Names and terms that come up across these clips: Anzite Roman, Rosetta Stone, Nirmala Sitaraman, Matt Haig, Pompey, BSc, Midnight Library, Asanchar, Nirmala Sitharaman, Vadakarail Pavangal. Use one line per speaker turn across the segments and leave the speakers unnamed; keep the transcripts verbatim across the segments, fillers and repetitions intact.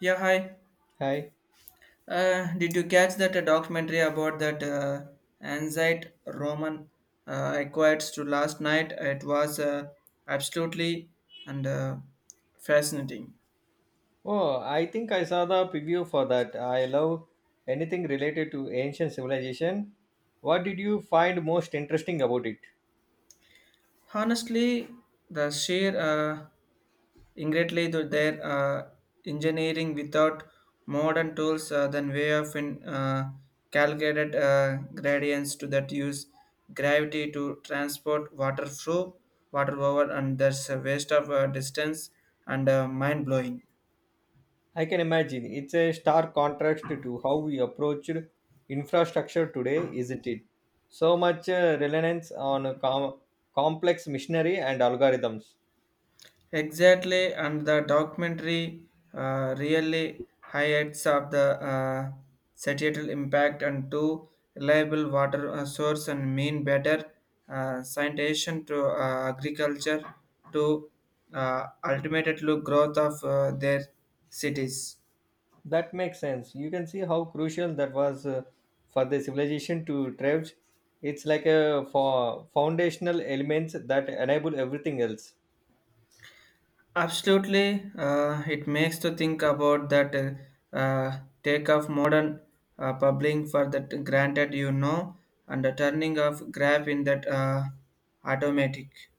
Yeah, hi.
Hi.
Uh, did you catch that uh, documentary about that uh, Anzite Roman uh, acquired to last night? It was uh, absolutely and uh, fascinating.
Oh, I think I saw the preview for that. I love anything related to ancient civilization. What did you find most interesting about it?
Honestly, the sheer uh, Ingrately, to their uh, engineering without modern tools uh, than way of in, uh, calculated uh, gradients to that use gravity to transport water through water over and there's a waste of uh, distance and uh, mind blowing.
I can imagine it's a stark contrast to how we approached infrastructure today, isn't it? So much uh, reliance on com- complex machinery and algorithms.
Exactly, and the documentary uh, really highlights of the uh, societal impact and two reliable water uh, source and mean better uh, sanitation to uh, agriculture to uh, ultimately growth of uh, their cities.
That makes sense. You can see how crucial that was uh, for the civilization to thrive. It's like a for foundational elements that enable everything else.
Absolutely, uh, it makes to think about that uh, uh, take of modern uh, publishing for that granted you know and the turning of grab in that uh, automatic.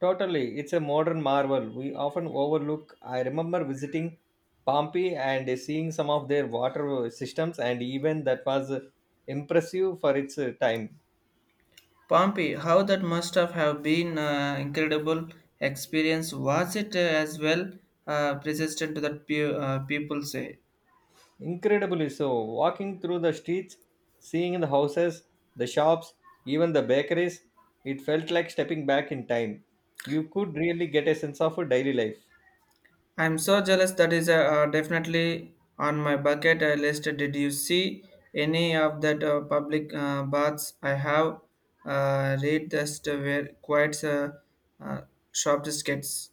Totally, it's a modern marvel we often overlook. I remember visiting Pompeii and seeing some of their water systems, and even that was uh, impressive for its uh, time.
Pompey, how that must have have been uh, incredible experience. Was it uh, as well uh, persistent to that pe- uh, people say?
Incredibly so, walking through the streets, seeing the houses, the shops, even the bakeries, it felt like stepping back in time. You could really get a sense of a daily life.
I'm so jealous. That is uh, uh, definitely on my bucket uh, list. Did you see any of that uh, public uh, baths? I have uh, read this to where quite uh, uh, shop skits.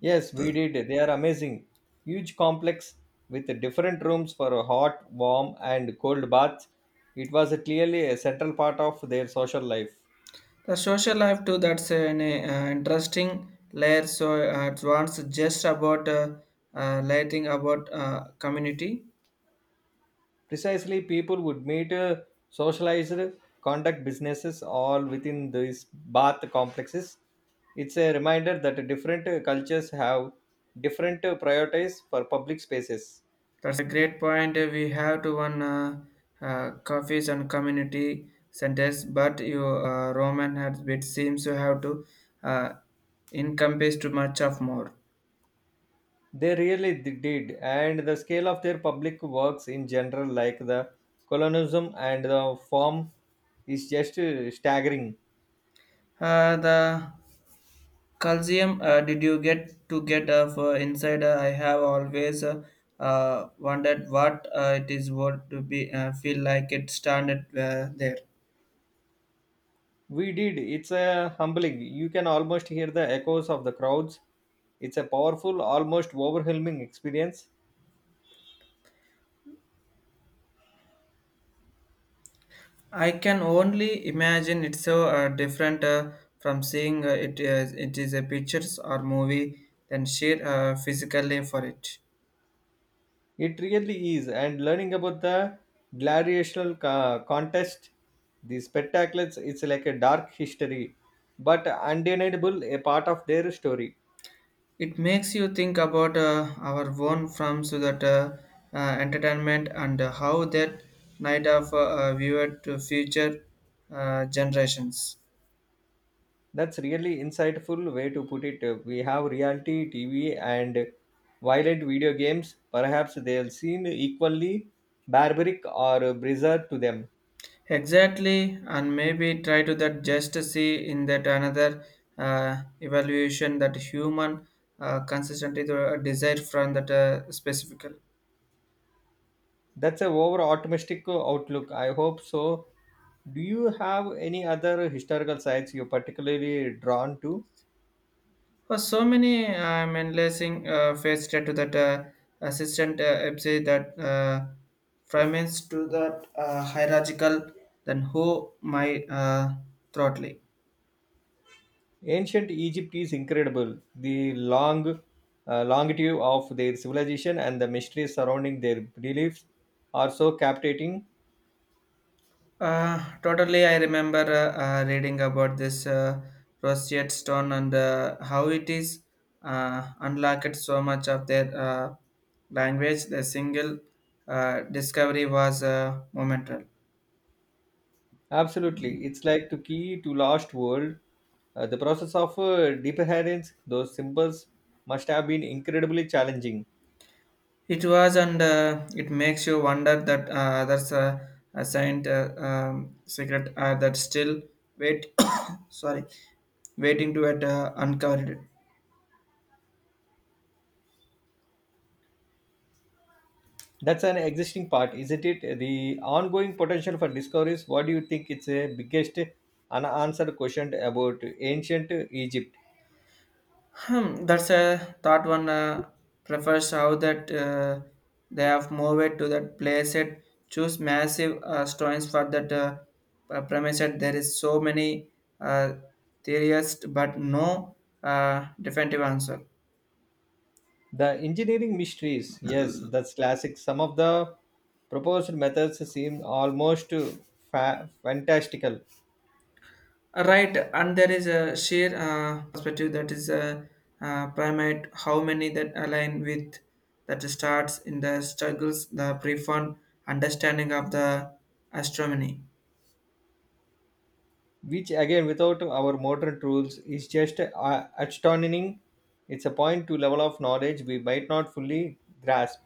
Yes, we did. They are amazing. Huge complex with different rooms for a hot, warm, and cold baths. It was clearly a central part of their social life.
The social life too. That's an uh, interesting layer. So uh, it wants just about uh, uh, lighting about uh, community.
Precisely, people would meet, uh, socialize, conduct businesses all within these bath complexes. It's a reminder that different uh, cultures have different uh, priorities for public spaces.
That's a great point. We have to one uh, uh, coffees and community centers, but your uh, Roman has it seems to have to uh, encompass too much of more.
They really d- did, and the scale of their public works in general, like the colonism and the form, is just uh, staggering.
Uh, the calcium. Uh, did you get to get of uh, inside? Uh, I have always uh, uh, wondered what uh, it is what to be uh, feel like it standard uh, there.
We did. It's a humbling. You can almost hear the echoes of the crowds. It's a powerful, almost overwhelming experience.
I can only imagine it's so uh, different uh, from seeing uh, it as it is a pictures or movie than share uh, physically for it.
It really is. And learning about the gladiatorial co- contest, the spectacles, it's like a dark history, but undeniable a part of their story.
It makes you think about uh, our own films so that uh, uh, entertainment and uh, how that night of uh, uh, viewer to future uh, generations.
That's really insightful way to put it. We have reality T V and violent video games. Perhaps they'll seem equally barbaric or bizarre to them.
Exactly, and maybe try to that just to see in that another uh, evaluation that human uh, consistently the desire from that uh, specific.
That's a over optimistic outlook. I hope so. Do you have any other historical sites you're particularly drawn to?
For so many, I'm analyzing uh, faced to that uh, assistant uh, M C that uh, ferments to that uh, hierarchical than who my uh, throttling.
Ancient Egypt is incredible. The long uh, longitude of their civilization and the mysteries surrounding their beliefs are so captivating.
Uh, totally, I remember uh, uh, reading about this uh, roseate stone and uh, how it is uh, unlocked so much of their uh, language. The single uh, discovery was uh, momental.
Absolutely, it's like the key to lost world. Uh, the process of uh, decoherence, those symbols must have been incredibly challenging.
It was, and uh, it makes you wonder that uh, others uh, assigned uh, um, secret uh, that still wait. Sorry, waiting to get uh, uncovered.
That's an existing part, isn't it? The ongoing potential for discoveries. What do you think? It's a biggest unanswered question about ancient Egypt.
Hmm, that's a thought one uh, refers how that uh, they have moved to that place it choose massive uh, stones for that uh, uh, premise that there is so many uh, theories but no uh, definitive answer.
The engineering mysteries, yes, that's classic. Some of the proposed methods seem almost fa- fantastical,
Uh, right, and there is a sheer uh, perspective that is a uh, uh, primate how many that align with that starts in the struggles the profound understanding of the astronomy.
which again, without our modern tools, is just uh, astonishing. It's a point to level of knowledge we might not fully grasp.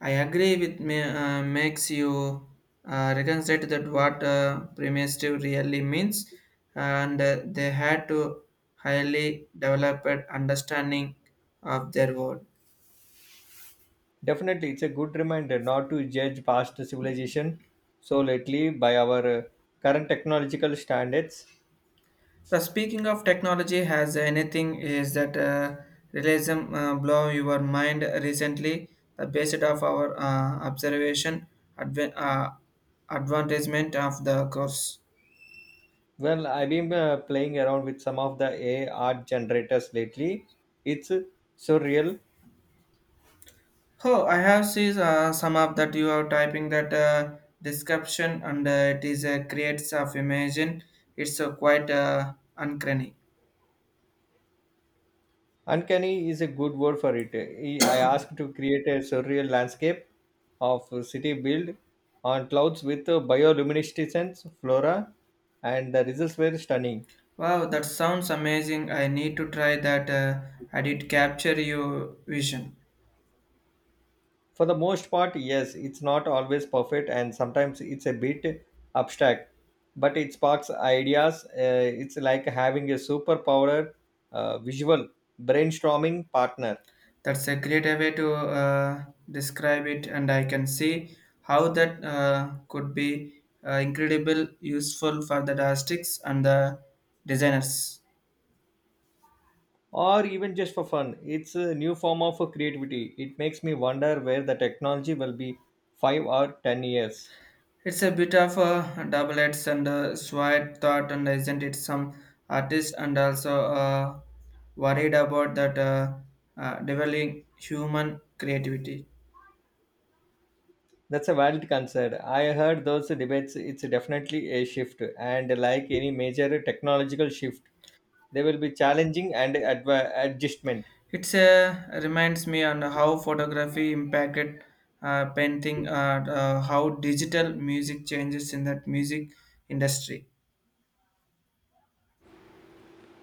I agree with me, uh, makes you uh, reconsider that what uh, primitive really means, and uh, they had to highly developed understanding of their world.
Definitely, it's a good reminder not to judge past civilization so lately by our uh, current technological standards.
The speaking of technology has anything is that uh, realism uh, blow your mind recently. The basis of our uh, observation adv- uh, advertisement of the course.
Well, I've been uh, playing around with some of the A I art generators lately. It's surreal.
Oh, I have seen uh, some of that you are typing that uh, description and uh, it is uh, creates of imagine. It's uh, quite uh, uncanny.
Uncanny is a good word for it. I asked to create a surreal landscape of a city built on clouds with bioluminescence flora, and the results were stunning.
Wow, that sounds amazing. I need to try that. Uh, I did capture your vision.
For the most part, yes, it's not always perfect and sometimes it's a bit abstract, but it sparks ideas. Uh, it's like having a superpower uh, visual brainstorming partner,
That's a great way to uh, describe it, and I can see how that uh, could be uh, incredible useful for the artists and the designers.
or even just for fun. It's a new form of creativity. It makes me wonder where the technology will be five or ten years.
It's a bit of a double-edged and a sword thought, and isn't it some artists and also uh, worried about that uh, uh, developing human creativity.
That's a valid concern. I heard those debates, it's definitely a shift, and like any major technological shift, there will be challenging and adva- adjustment.
It's a reminds me on how photography impacted uh, painting, uh, uh, how digital music changes in that music industry.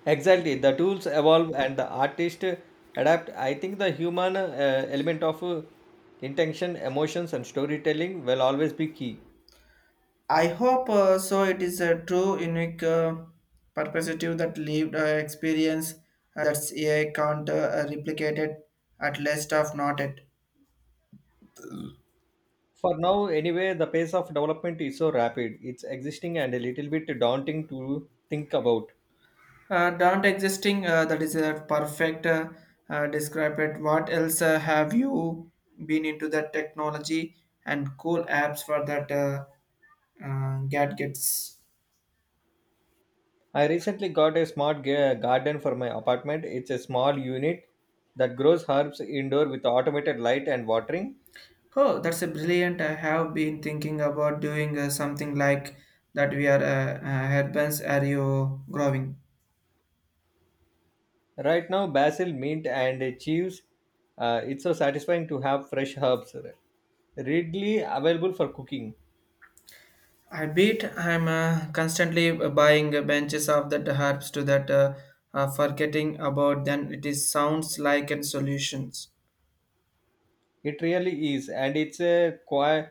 Exactly, the tools evolve and the artist adapt. I think the human uh, element of uh, intention, emotions, and storytelling will always be key.
I hope uh, so. It is a true, unique uh, perspective that lived uh, experience uh, that's a I can't uh, replicate it, at least of not it.
For now, anyway, the pace of development is so rapid, it's existing and a little bit daunting to think about.
Uh, don't existing, uh, that is a perfect uh, uh, describe it. What else uh, have you been into that technology and cool apps for that uh, uh, gadgets?
I recently got a smart ga- garden for my apartment. It's a small unit that grows herbs indoor with automated light and watering.
Oh, that's a brilliant. I have been thinking about doing uh, something like that. We are uh, uh, headbands. Are you growing?
Right now, basil, mint, and chives. Uh, it's so satisfying to have fresh herbs readily available for cooking.
I beat. I'm uh, constantly buying benches of that herbs to that uh, uh, forgetting about. Then it is sounds like and solutions.
It really is, and it's a quite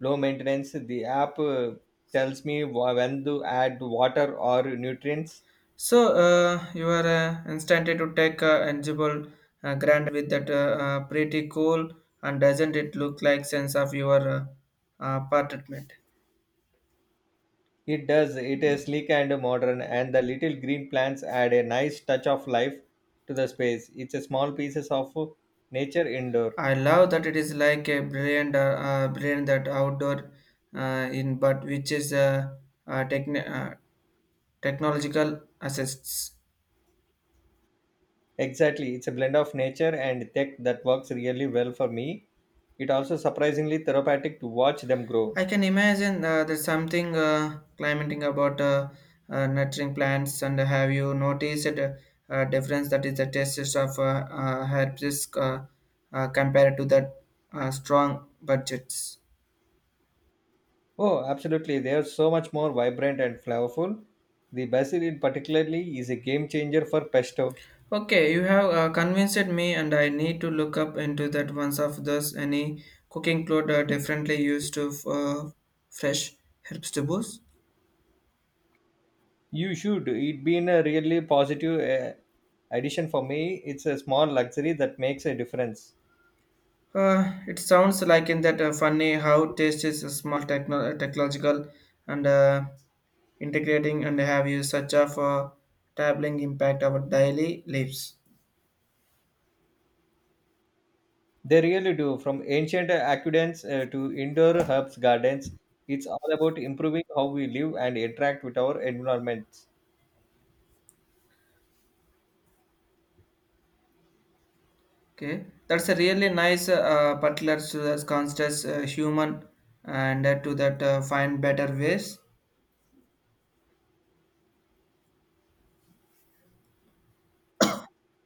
low maintenance. The app uh, tells me wh- when to add water or nutrients.
So uh, you are uh, instantly to take uh, eligible uh, grant with that uh, uh, pretty cool and doesn't it look like sense of your uh, uh, apartment?
It does. It is sleek and modern, and the little green plants add a nice touch of life to the space. It's a small pieces of nature indoor.
I love that it is like a brilliant, uh, uh, brilliant that outdoor uh, in but which is uh, uh, techn- uh, technological assists.
Exactly. It's a blend of nature and tech that works really well for me. It also surprisingly therapeutic to watch them grow.
I can imagine uh, there's something uh, climating about uh, uh, nurturing plants. And have you noticed a, a difference that is the taste of uh, uh, herbs uh, uh, compared to the uh, strong budgets?
Oh, absolutely. They are so much more vibrant and flavorful. The basil in particularly is a game changer for pesto.
Okay, you have uh, convinced me, and I need to look up into that once of those any cooking cloth uh, differently used to uh, fresh herbs to boost.
You should. It been a really positive uh, addition for me. It's a small luxury that makes a difference.
Uh, it sounds like in that uh, funny how taste is a small techno- uh, technological and uh, integrating and have you such of a traveling impact our daily lives.
They really do. From ancient aqueducts uh, to indoor herbs gardens, it's all about improving how we live and interact with our environments.
Okay, that's a really nice uh, particular to the conscious uh, human and uh, to that uh, find better ways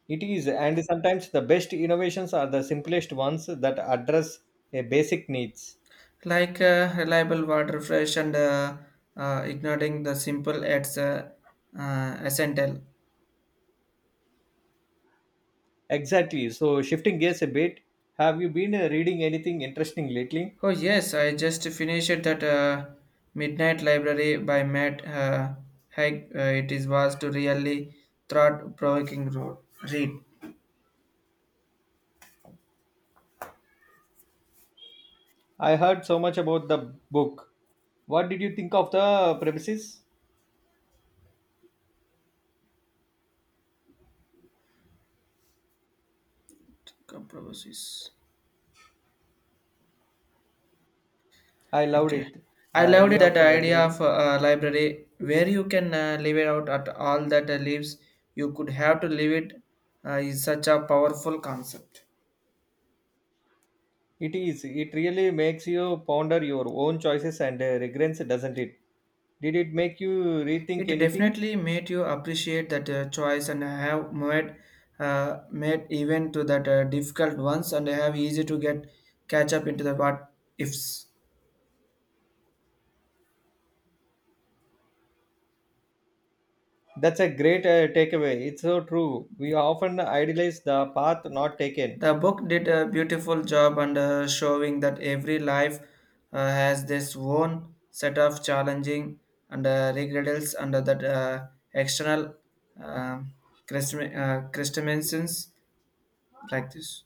It is, and sometimes the best innovations are the simplest ones that address a basic needs.
like uh, reliable water fresh and uh, uh, ignoring the simple it's uh, uh, essential.
Exactly. So, shifting gears a bit, have you been uh, reading anything interesting lately?
Oh yes, I just finished that uh, Midnight Library by Matt uh, Haig. Uh, it is was to really thought-provoking ro- read.
I heard so much about the book. What did you think of the premises?
Compromises.
I loved
Okay,
it.
I
The
loved it,
idea
that
of a
idea
library.
of a library where you can uh, leave it out at all that uh, leaves you could have to leave it uh, is such a powerful concept.
It is. It really makes you ponder your own choices and uh, regrets, doesn't it? Did it make you rethink
It
anything?
definitely made you appreciate that uh, choice and have made uh, made even to that uh, difficult ones and have easy to get catch up into the what ifs.
That's a great uh, takeaway. It's so true. We often idealize the path not taken.
The book did a beautiful job and uh, showing that every life uh, has this own set of challenging and uh, regrets and that uh, external uh, custom- uh, customizations like this.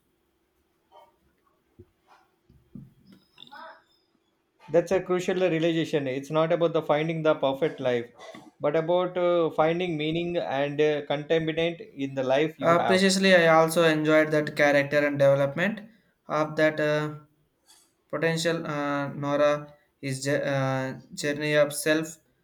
That's a crucial realization. It's not about the finding the perfect life, but about uh, finding meaning and uh, contentment in the life you
Uh,
have.
preciously, I also enjoyed that character and development of that uh, potential uh, Nora is uh, journey of self.